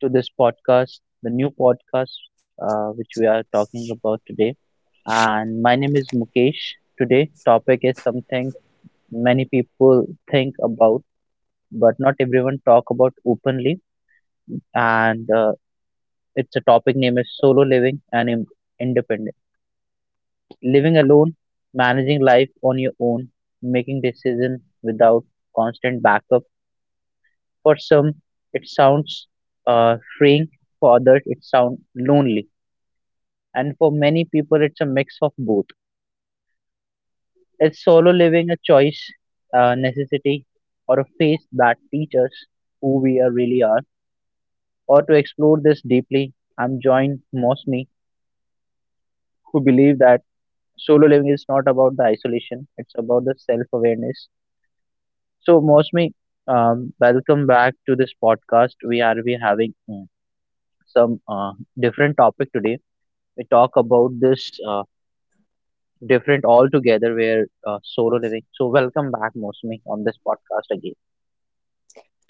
to this podcast, the new podcast, which we are talking about today. And my name is Mukesh. Today topic is something many people think about, but not everyone talk about openly. And It's a topic name is solo living and independent. Living alone, managing life on your own, making decision without constant backup. For some, it sounds freeing. For others, it sounds lonely. And for many people, it's a mix of both. Is solo living a choice, a necessity, or a phase that teaches us who we are really are? Or to explore this deeply, I'm joined Mosmi, who believe that solo living is not about the isolation; it's about the self-awareness. So, Mosmi, welcome back to this podcast. We are we having some different topic today. We talk about this different altogether where solo living. So welcome back, Mosmi, on this podcast again.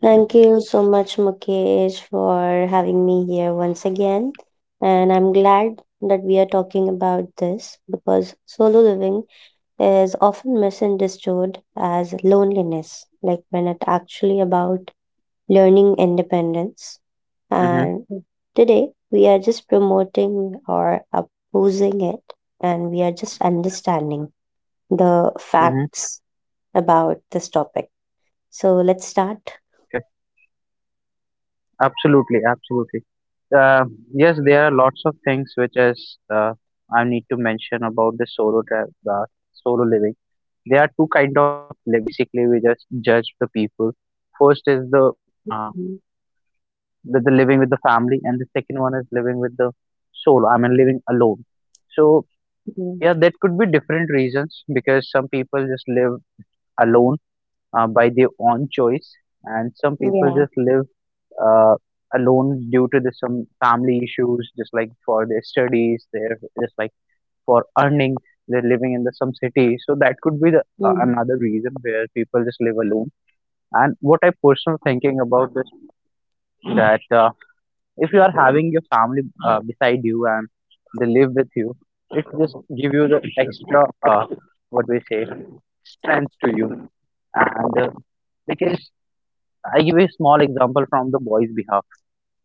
Thank you so much, Mukesh, for having me here once again. And I'm glad that we are talking about this because solo living is often misunderstood as loneliness, like when it's actually about learning independence. Mm-hmm, And today we are just promoting or opposing it, and we are just understanding the mm-hmm, facts about this topic. So let's start. correct. Absolutely, absolutely. Uh, yes, there are lots of things which is I need to mention about the solo living. There are two kind of living basically. We just judge the people. First is the uh, the living with the family, and the second one is living with the solo. I mean, living alone. So Mhm. yeah, that could be different reasons because some people just live alone, by their own choice, and some Yeah. people just live uh, alone due to the, some family issues, just like for their studies, they're just like for earning, they're living in the some city. So that could be the Mm, another reason where people just live alone. And what I personal thinking about this that if you are having your family beside you and they live with you, it just give you the extra uh, what we say, strength to you. And Because I give a small example from the boys' behalf.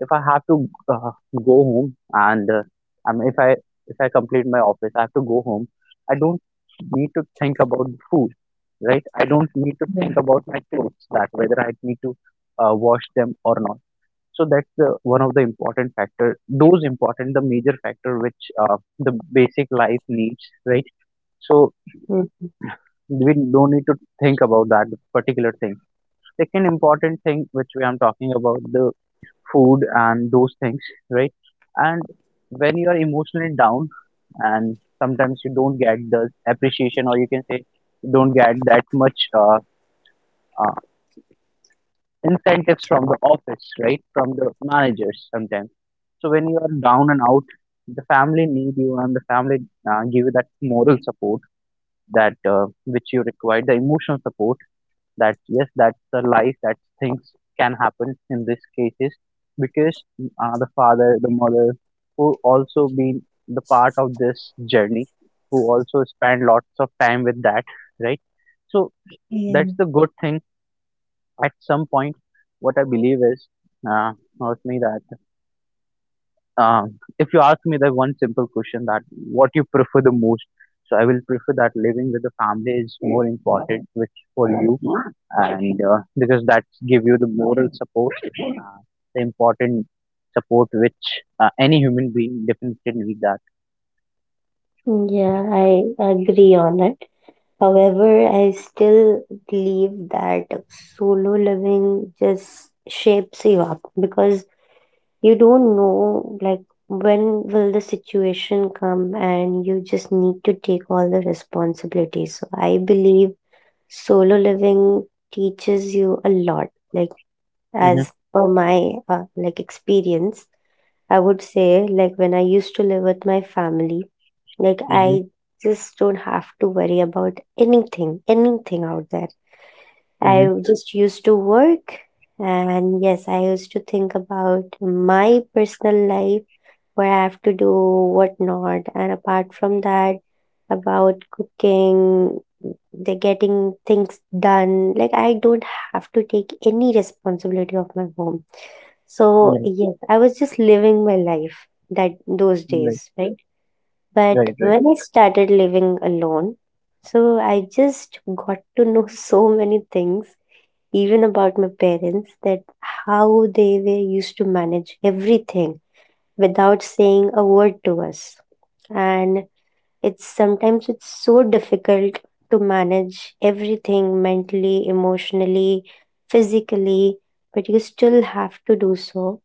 If I have to go home and I mean, if I complete my office, I have to go home. I don't need to think about the food, right? I don't need to yeah. think about my clothes, that whether I need to wash them or not. So that's the one of the important factor. Those important, the major factor which the basic life needs, right? So Mm. we don't need to think about that particular thing. Second important thing which we am talking about, the food and those things, right? And when you are emotionally down and sometimes you don't get the appreciation, or you can say you don't get that much uh, incentives from the office, right? From the managers sometimes. So when you are down and out, the family need you, and the family give you that moral support that which you require, the emotional support, that yes, that's the life, that things can happen in these cases, because the father, the mother, who also been the part of this journey, who also spend lots of time with that, right? So that's And the good thing at some point. What I believe is, uh, not me, that uh, if you ask me the one simple question, that what you prefer the most, so I will prefer that living with the family is more important which for you, and because that give you the moral support, the important support which any human being definitely need that. yeah, I agree on it. However, I still believe that solo living just shapes you up because you don't know, like when will the situation come and you just need to take all the responsibilities. So I believe solo living teaches you a lot, like Mm-hmm, as per my like experience I would say, like when I used to live with my family, like mm-hmm, I just don't have to worry about anything, anything out there. I just used to work, and yes, I used to think about my personal life, what I have to do, what not. And apart from that, about cooking, the getting things done, like I don't have to take any responsibility of my home. So mm-hmm, yes, I was just living my life that those right, days, right? right, right, But right, when I started living alone, so I just got to know so many things, even about my parents, that how they were used to manage everything without saying a word to us. And it's sometimes it's so difficult to manage everything mentally, emotionally, physically, but you still have to do so.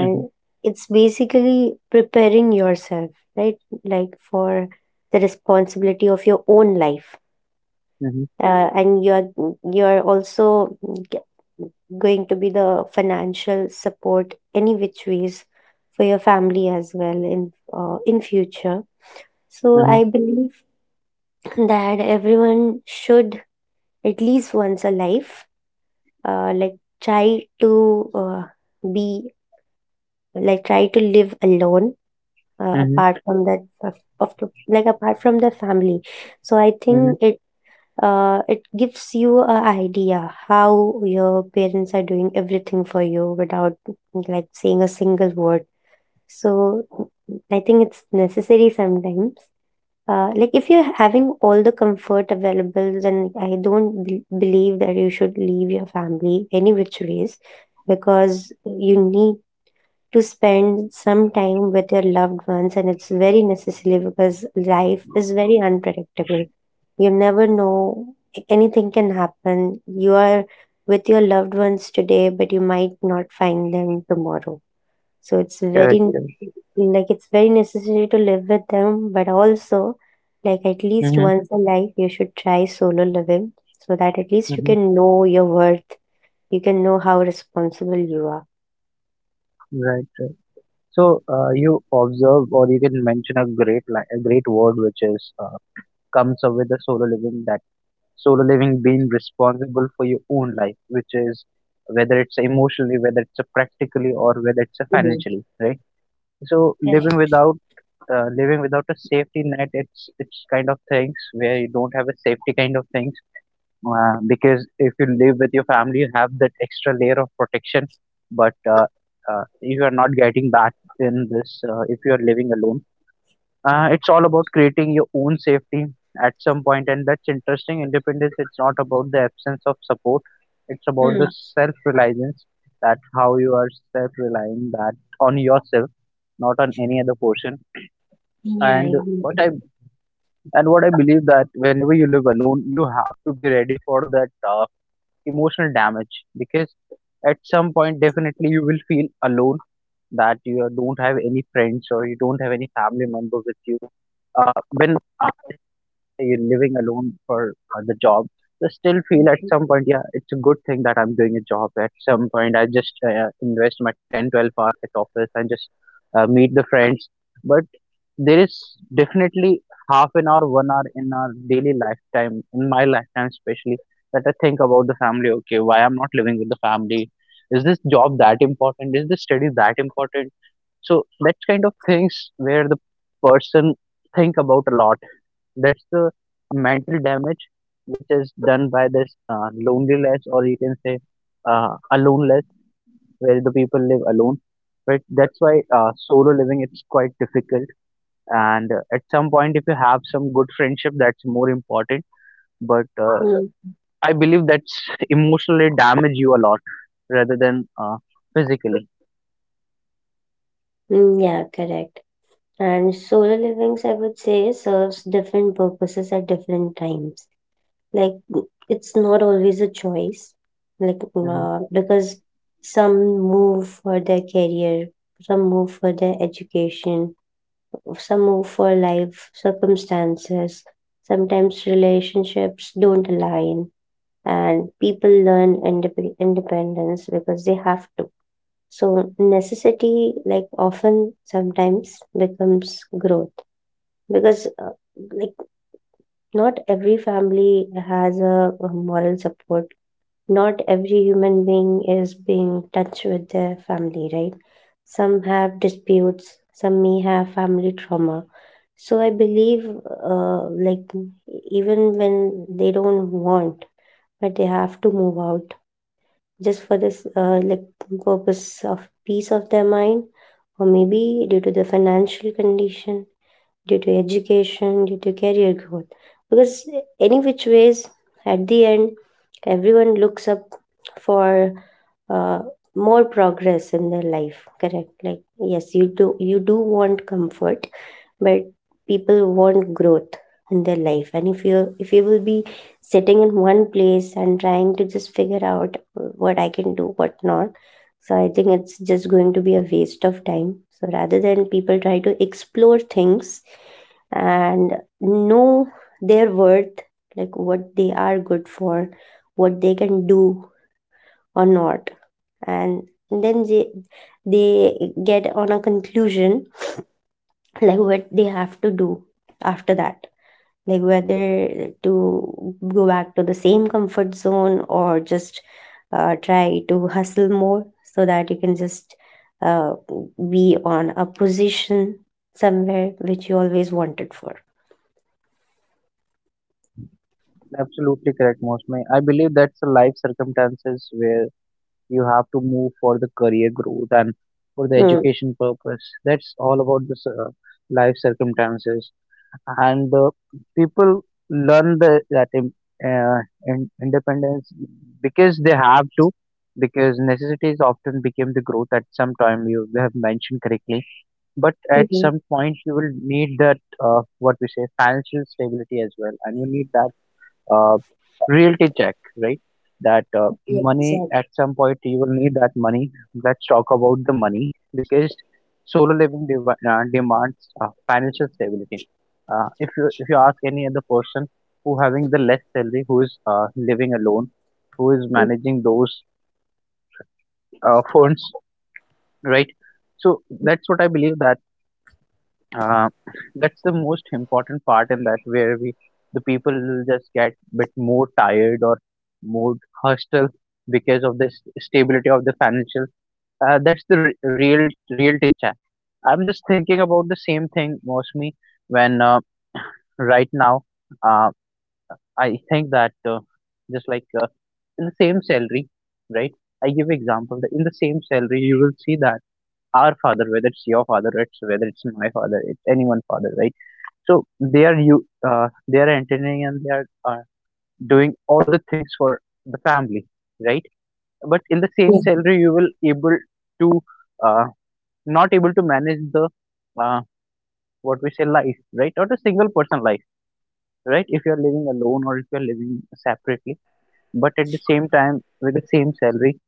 mm-hmm, it's basically preparing yourself, right? Like for the responsibility of your own life, mm-hmm, and you're also g- going to be the financial support any which ways for your family as well in future, so mm-hmm, I believe that everyone should at least once a life, like try to be, like try to live alone, mm-hmm, apart from that of the, like apart from the family. So I mm-hmm. think it gives you an idea how your parents are doing everything for you without like saying a single word. So I think it's necessary sometimes. Like if you're having all the comfort available, then I don't believe that you should leave your family any which ways, because you need to spend some time with your loved ones, and it's very necessary because life is very unpredictable. You never know. Anything can happen. You are with your loved ones today, but you might not find them tomorrow. So it's very, Correct, correct. like it's very necessary to live with them, but also, like at least Mm-hmm, once a life you should try solo living, so that at least you mm-hmm, can know your worth. You can know how responsible you are. right, right. So you observe, or you can mention a great a great word which is, comes up with the solo living. That solo living being responsible for your own life, which is whether it's emotionally, whether it's a practically, or whether it's a Mhm. financially, right? So Correct. living without, living without a safety net, it's kind of things where you don't have a safety kind of things, because if you live with your family, you have that extra layer of protection, but you are not getting that in this if you are living alone. It's all about creating your own safety at some point, and that's interesting. Independence, it's not about the absence of support, it's about the Hmm. self reliance, that how you are self relying, that on yourself, not on any other person. Yeah, I And what I agree. and what I believe, that whenever you live alone, you have to be ready for that. Emotional damage, because at some point definitely you will feel alone, that you don't have any friends or you don't have any family member with you, when after you're living alone for the job, you still feel at some point, yeah, it's a good thing that I'm doing a job. At some point I just invest my 10, 12 hours at office and just meet the friends, but there is definitely half an hour, 1 hour in our daily lifetime, in my lifetime especially, that I think about the family. Okay, why I'm not living with the family? Is this job that important? Is this study that important? So that kind of things where the person think about a lot. That's the mental damage which is done by this loneliness, or you can say aloneness, where the people live alone. Right? That's why solo living it's quite difficult, and at some point if you have some good friendship that's more important, but I believe that's emotionally damage you a lot rather than physically. Hmm. Yeah, correct. And solo livings, I would say, serves different purposes at different times. Like, it's not always a choice. Like, Mhm. Because some move for their career, some move for their education, some move for life circumstances. Sometimes relationships don't align, and people learn independence because they have to. So, necessity, like, often sometimes becomes growth, because like not every family has a moral support, not every human being is being touched with their family, right? Some have disputes, some may have family trauma. So I believe uh, like even when they don't want, but they have to move out just for this like purpose of peace of their mind, or maybe due to the financial condition, due to education, due to career growth. Because, any which ways, at the end, everyone looks up for uh, more progress in their life. Correct, like yes, you do, you do want comfort, but people want growth in their life, and if you, if you will be sitting in one place and trying to just figure out what I can do, what not, so I think it's just going to be a waste of time. So rather than, people try to explore things and know their worth, like what they are good for, what they can do or not, and then they get on a conclusion like what they have to do after that, like whether to go back to the same comfort zone or just try to hustle more so that you can just uh, be on a position somewhere which you always wanted for. Absolutely correct, Mosme. I believe that's the life circumstances where you have to move for the career growth and for the Hmm. education purpose. That's all about this life circumstances. And people learn the, that im- uh, in, independence because they have to, because necessities often became the growth at some time, you have mentioned correctly, but at Mm-hmm. some point you will need that what we say, financial stability as well, and you need that uh, reality check, right? That Yeah, money, exactly. at some point you will need that money. Let's talk about the money, because solo living demands financial stability. If you ask any other person who having the less salary, who is living alone, who is Yeah, managing those funds, right? So that's what I believe, that uh, that's the most important part in that, where we, the people will just get bit more tired or more hostile because of this stability of the financial, that's the real real teacher. I'm just thinking about the same thing, mostly when right now, uh, I think that just like in the same salary, right, I give example that in the same salary you will see that our father, whether it's your father, it's, whether it's my father, it's anyone father, right? So they are you, they are entertaining and they are doing all the things for the family, right? But in the same salary, you will able to uh, not able to manage the uh, what we say life, right? Not a single person life, right? If you are living alone or if you are living separately, but at the same time, with the same salary,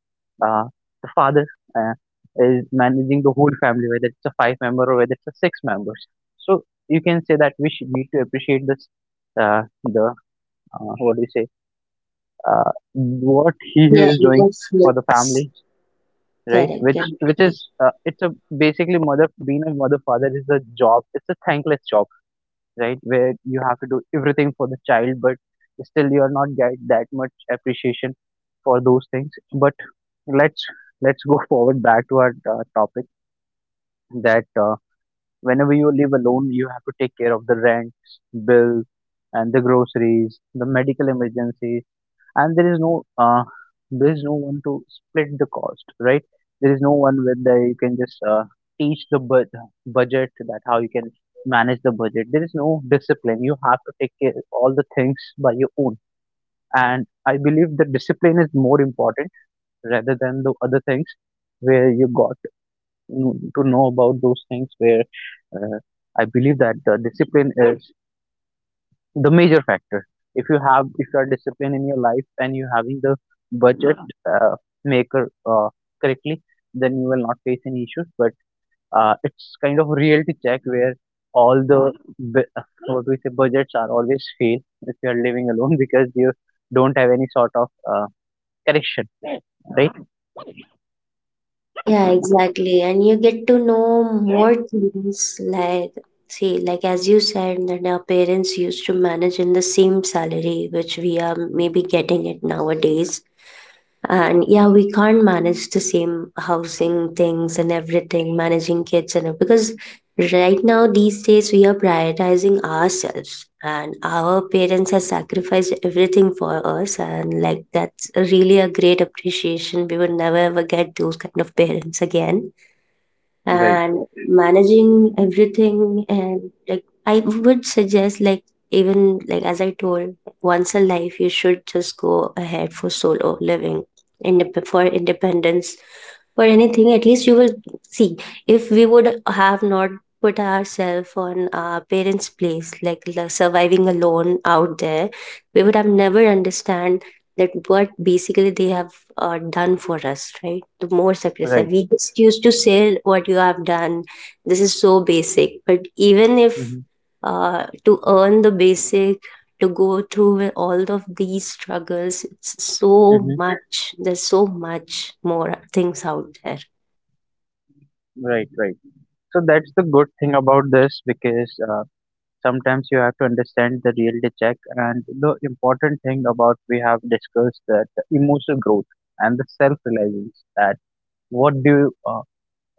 uh, the father uh, is managing the whole family, whether it's a 5 member or whether it's a 6 members. So you can say that we should need to appreciate this the what do you say, what he yeah, is doing yes, for the yes, family, right? correct. Yeah. Which is, it's a basically mother being a mother, father is a job, it's a thankless job, right? Where you have to do everything for the child, but still you are not get that much appreciation for those things. But let's let's go forward, back to our topic. That whenever you live alone, you have to take care of the rent, bill, and the groceries, the medical emergencies, and there is no, there is no one to split the cost, right? There is no one where the, you can just teach the budget, that how you can manage the budget. There is no discipline, you have to take care all the things by your own, and I believe the discipline is more important rather than the other things, where you got to know about those things, where uh, I believe that the discipline is the major factor. If you have, if you are disciplined in your life and you're having the budget uh, maker uh, correctly, then you will not face any issues, but it's kind of reality check, where all the bu- uh, what we say, budgets are always fail if you are living alone because you don't have any sort of correction. Right, Yeah, exactly. And you get to know more things, like see, like as you said that our parents used to manage in the same salary which we are maybe getting it nowadays, and yeah, we can't manage the same housing things and everything, managing kids and because right now these days we are prioritizing ourselves, and our parents have sacrificed everything for us, and like that's really a great appreciation. We would never ever get those kind of parents again. right, And managing everything, and like I would suggest, like even like as I told, once a life you should just go ahead for solo living, for independence, for anything. At least you will see, if we would have not put ourselves on our parents place, like surviving alone out there, we would have never understand that what basically they have done for us, right? The more sacrifice. right. We just used to say, what you have done. This is so basic. But even if Hmm. To earn the basic, to go through with all of these struggles, it's so Hmm. much. There's so much more things out there. Right, right. So that's the good thing about this because sometimes you have to understand the reality check. And the important thing about we have discussed that the emotional growth and the self reliance that what do you, uh,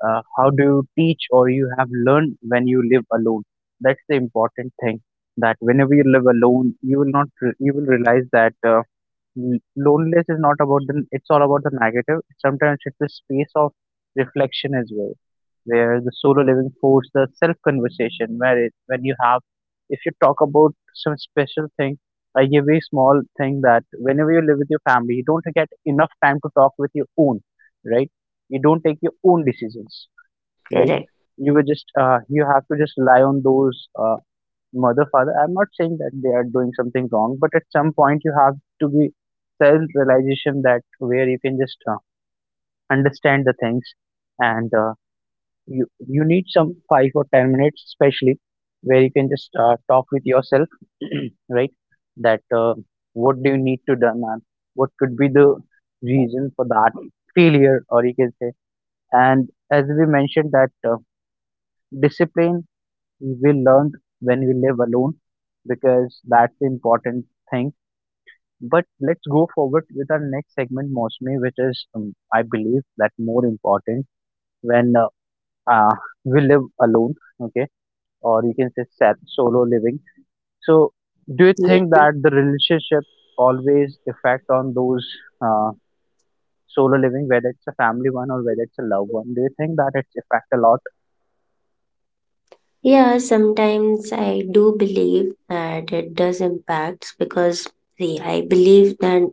how do you teach or you have learned when you live alone? That's the important thing that whenever you live alone, you will not, re- you will realize that loneliness is not about the, it's all about the negative. Sometimes it's a space of reflection as well where the solo living force the self conversation when you have if you talk about some special thing, like a very small thing, that whenever you live with your family you don't get enough time to talk with your own. Right. You don't take your own decisions. Right. Correct. You were just you have to just rely on those mother father. I'm not saying that they are doing something wrong, but at some point you have to be self realization that where you can just understand the things, and you need some 5 or 10 minutes especially where you can just talk with yourself. Right. that What do you need to do? And what could be the reason for that failure, or you can say, and as we mentioned that discipline we learn when we live alone, because that's the important thing. But let's go forward with our next segment mostly, which is I believe that more important when uh, we live alone. Okay, or you can say solo living. So, do you Yeah. think that the relationship always affect on those uh, solo living, whether it's a family one or whether it's a loved one? Do you think that it's affect a lot? Yeah, sometimes I do believe that it does impact, because see, I believe that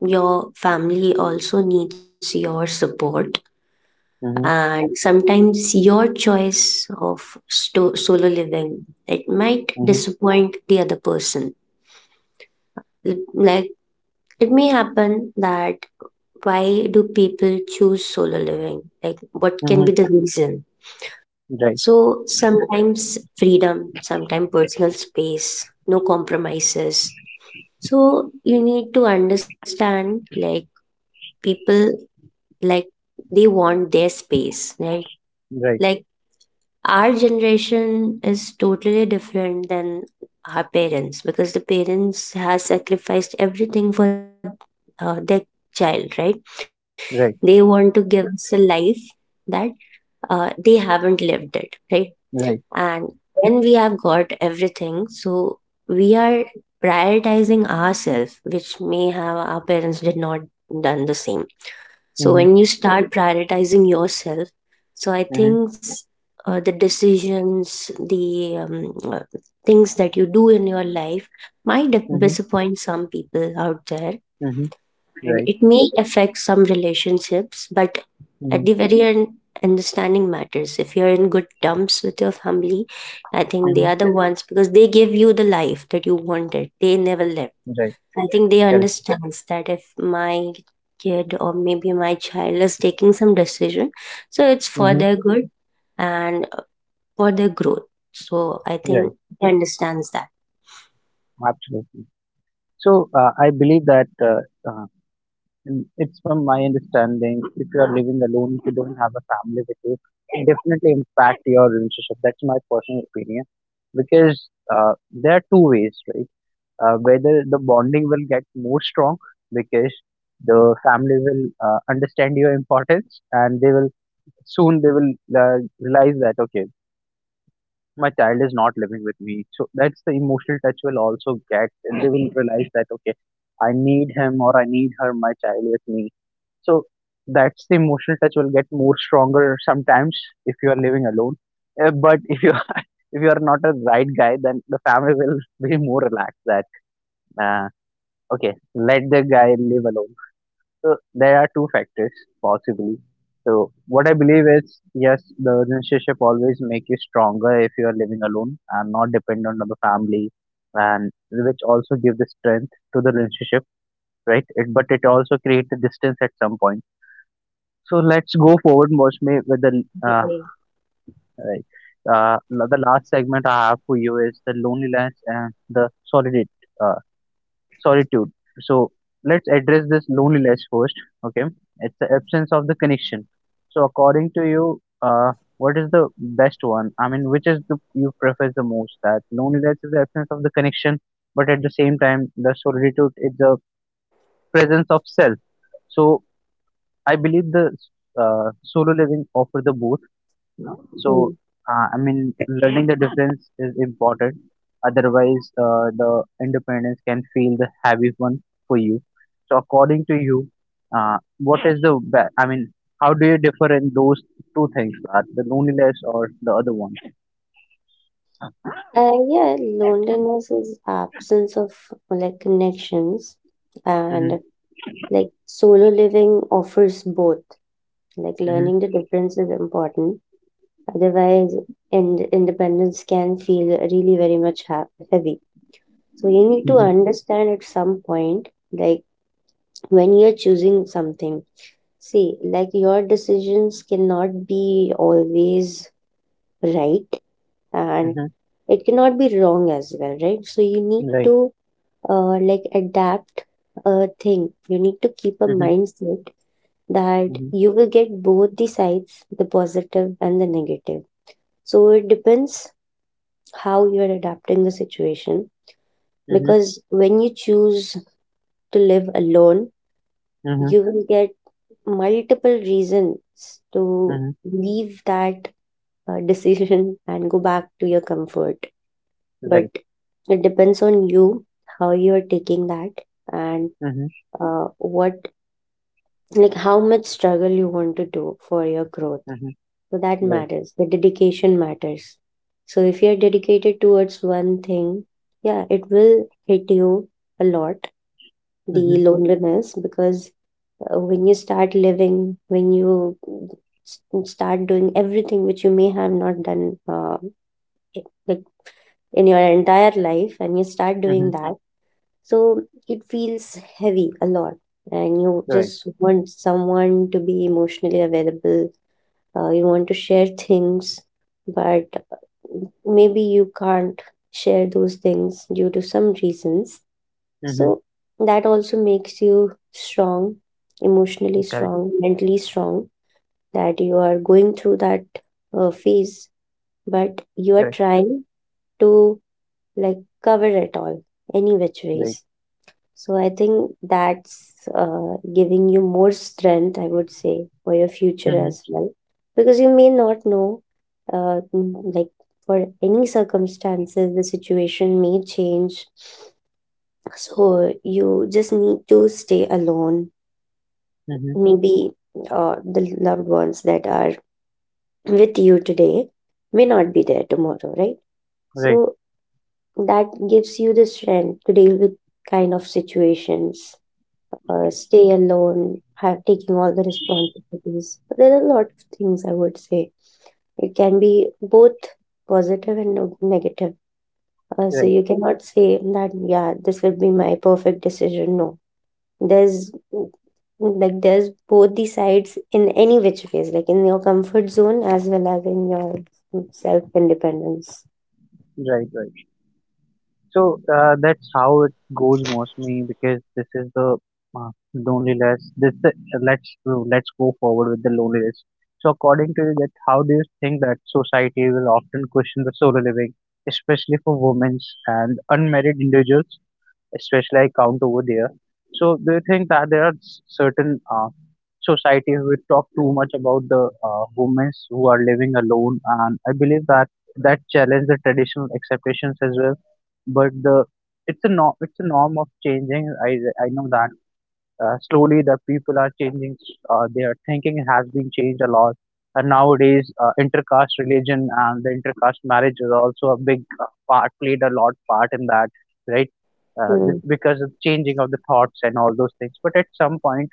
your family also needs your support, Mm-hmm, and sometimes your choice of solo living, it might mm-hmm, disappoint the other person. Like it may happen that why do people choose solo living? Like what can be mm-hmm. the reason? Right, So sometimes freedom, sometimes personal space, no compromises. So you need to understand, like people, like they want their space, right? right, Like our generation is totally different than our parents, because the parents has sacrificed everything for their child, right? right, They want to give us a life that they haven't lived it, right? right. And when we have got everything, so we are prioritizing ourselves, which may have our parents did not done the same. So Mm-hmm, when you start prioritizing yourself, so I mm-hmm, think the decisions, the things that you do in your life might mm-hmm, disappoint some people out there, mm-hmm. and Right, it may affect some relationships. But at mm-hmm, the very end, understanding matters. If you're in good terms with your family, I think they mm-hmm. are the ones, because they give you the life that you wanted. They never left. Right, I think they correct. understands that if my kid or maybe my child is taking some decision, so it's for Mm-hmm. their good and for their growth. So I Right, think they understands that. absolutely. So I believe that uh, Mm, it's from my understanding, if you are living alone, if you don't have a family with you, it definitely impact your relationship. That's my personal opinion, because there are two ways, right? Whether the bonding will get more strong because the family will understand your importance, and they will soon they will realize that okay, my child is not living with me, so that's the emotional touch will also get, and they will realize that okay, I need him or I need her, my child with me. So that's the emotional touch will get more stronger sometimes if you are living alone. But if you are, if you are not a right guy, then the family will be more relaxed that uh, okay, let the guy live alone. So there are two factors possibly. So what I believe is yes, the relationship always make you stronger if you are living alone and not dependent on the family, and which also give the strength to the relationship, right? It, but it also creates a distance at some point. So let's go forward, Mosme, with the Agree. uh, right. Uh, the last segment I have for you is the loneliness and the solitude. Uh, solitude. So let's address this loneliness first. Okay, it's the absence of the connection. So according to you, what is the best one? I mean, which is the you prefer the most? That loneliness is the absence of the connection, but at the same time, the solitude is the presence of self. So I believe the solo living offer the both. Hmm. So, I mean, learning the difference is important. Otherwise, the independence can feel the heavy one for you. So, according to you, what is the I mean, how do you differ in those two things, Parth, the loneliness or the other one? Yeah, loneliness is absence of like connections, Mhm, and like solo living offers both. Like mhm, learning the difference is important. Otherwise, independence can feel really very much heavy. So you need to mhm, understand at some point, like when you're choosing something. See, like your decisions cannot be always right, and mhm. it cannot be wrong as well, right? So you need Right. to like adapt a thing. You need to keep a Mhm, mindset that mhm, you will get both the sides, the positive and the negative. So it depends how you are adapting the situation, mhm, because when you choose to live alone, mhm, you will get multiple reasons to mhm. leave that decision and go back to your comfort. But Right. it depends on you how you are taking that, and Mhm, what, like how much struggle you want to do for your growth, mhm. so that Right. matters. The dedication matters. So if you're dedicated towards one thing, yeah, it will hit you a lot, the Mhm, loneliness, because when you start living, when you start doing everything which you may have not done, like in your entire life, and you start doing mhm. that, so it feels heavy a lot, and you Right. just want someone to be emotionally available. You want to share things, but maybe you can't share those things due to some reasons. Mhm. So that also makes you strong, emotionally Correct. strong, mentally strong, that you are going through that phase, but you are Correct. trying to, like cover it all any which Right. ways. So I think that's giving you more strength, I would say, for your future Mhm, as well. Because you may not know, like for any circumstances, the situation may change. So you just need to stay alone. mhm. Maybe the loved ones that are with you today may not be there tomorrow, right? Right. So that gives you the strength to deal with kind of situations, stay alone, have taking all the responsibilities. So there are a lot of things, I would say. It can be both positive and negative. So Right. you cannot say that yeah, this will be my perfect decision. No, there's like there's both the sides in any which ways, like in your comfort zone as well as in your self independence. Right. Right. So that's how it goes mostly, because this is the loneliness. Let's go forward with the loneliness. So according to you, that how do you think that society will often question the solo living, especially for women and unmarried individuals? Especially I count over there. So do you think that there are certain societies which talk too much about the women who are living alone? And I believe that that challenge the traditional acceptations as well. But the it's a norm. It's a norm of changing. I know that slowly the people are changing. Uh, their thinking has been changed a lot, and nowadays intercaste religion and the intercaste marriage is also a big part played a lot part in that, right? Uh, this, Hmm. because of changing of the thoughts and all those things, but at some point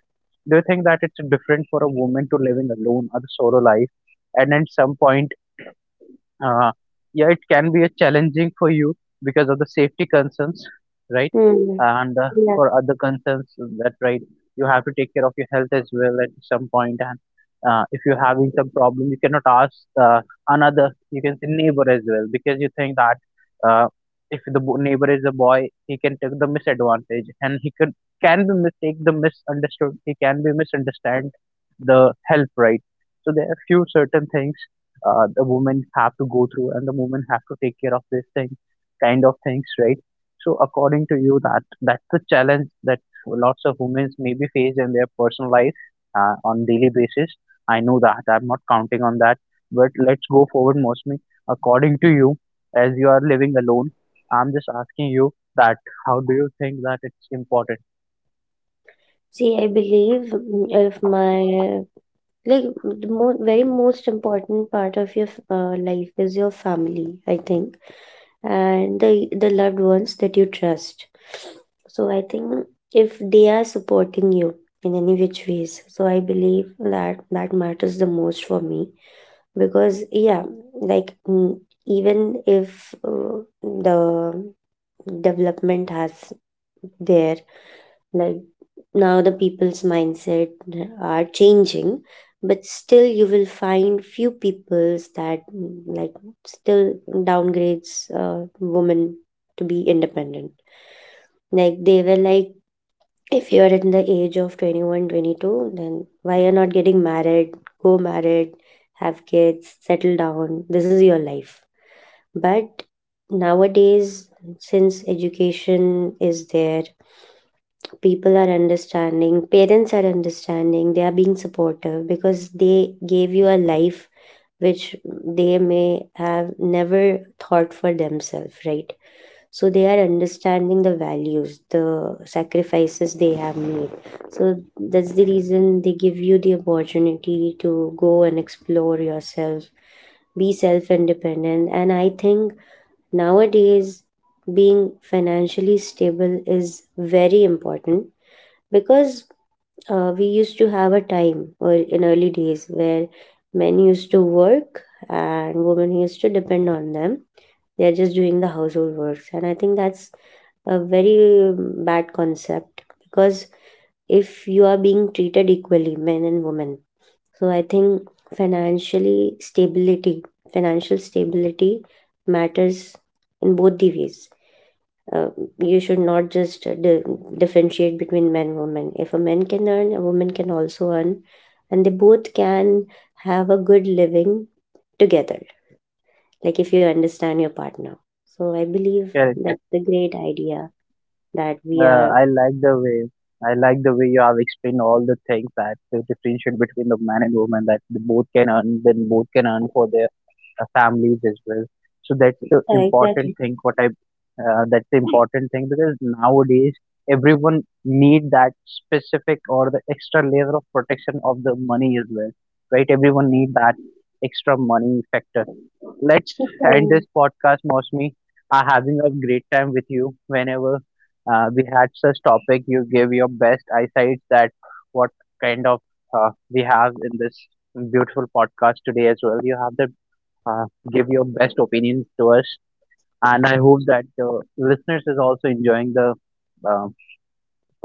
do you think that it's different for a woman to live in alone or the solo life? And at some point uh, yeah, it can be a challenging for you because of the safety concerns, right? Hmm. And Yeah. for other concerns, that right, you have to take care of your health as well at some point. And if you're having some problem, you cannot ask uh, another, you can say neighbor as well, because you think that uh, if the neighbor is a boy, he can take the misadvantage, and he could can be mistake the misunderstood. He can be misunderstand the help, right? So there are few certain things the women have to go through, and the women have to take care of this thing kind of things, right? So according to you that that's the challenge that lots of women may be faced in their personal life on daily basis. I know that I'm not counting on that, but let's go forward mostly. According to you, as you are living alone, I'm just asking you that how do you think that it's important See, I believe if my, like the mo very most important part of your life is your family, I think, and the loved ones that you trust. So I think if they are supporting you in any which ways, so I believe that that matters the most for me, because yeah, like even if the development has there, like now the people's mindset are changing, but still you will find few peoples that like still downgrades women to be independent, like they were like if you're in the age of 21, 22, then why you're not getting married, go married, have kids, settle down, this is your life. But nowadays, since education is there, people are understanding, parents are understanding, they are being supportive, because they gave you a life which they may have never thought for themselves, right? So they are understanding the values, the sacrifices they have made. So that's the reason they give you the opportunity to go and explore yourself, be self independent. And I think nowadays, being financially stable is very important, because we used to have a time or in early days where men used to work and women used to depend on them. They are just doing the household works, and I think that's a very bad concept. Because if you are being treated equally, men and women, so I think financially stability financial stability matters in both the ways. Uh, you should not just differentiate between men, women. If a man can earn, a woman can also earn, and they both can have a good living together, like if you understand your partner. So I believe can. that's the great idea that we Uh, are. I like the way I like the way you have explained all the things, that to differentiate between the man and woman, that the both can earn, then both can earn for their families as well. So that's the Yeah, important exactly. thing. What I that's the important thing, because nowadays everyone need that specific or the extra layer of protection of the money as well, right? Everyone need that extra money factor. Let's end Okay. this podcast, Mosmi. Having a great time with you. Whenever we had such topic, you gave your best eyesight that what kind of we have in this beautiful podcast today as well. You have the uh, give your best opinions to us. And I hope that listeners is also enjoying the uh,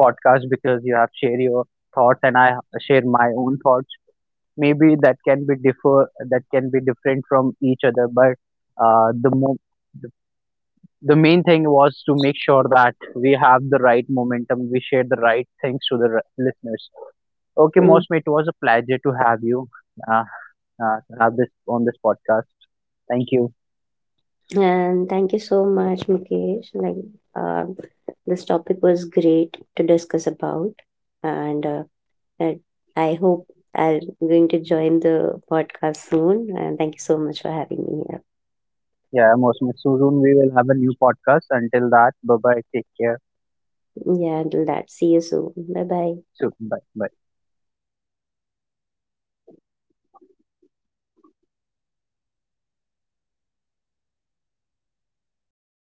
podcast, because you have shared your thoughts and I share my own thoughts. Maybe that can be differ, that can be different from each other, but the mo- the the main thing was to make sure that we have the right momentum, we share the right things to the listeners. Okay, Mm, Mosme, it was a pleasure to have you uh, to have this on this podcast. Thank you. and thank you so much, Mukesh, like uh, this topic was great to discuss about. And and I hope I'm going to join the podcast soon. And thank you so much for having me here. Yeah, most So soon we will have a new podcast. Until that, bye bye. Take care. Yeah, until that, see you soon. Bye bye. So bye bye.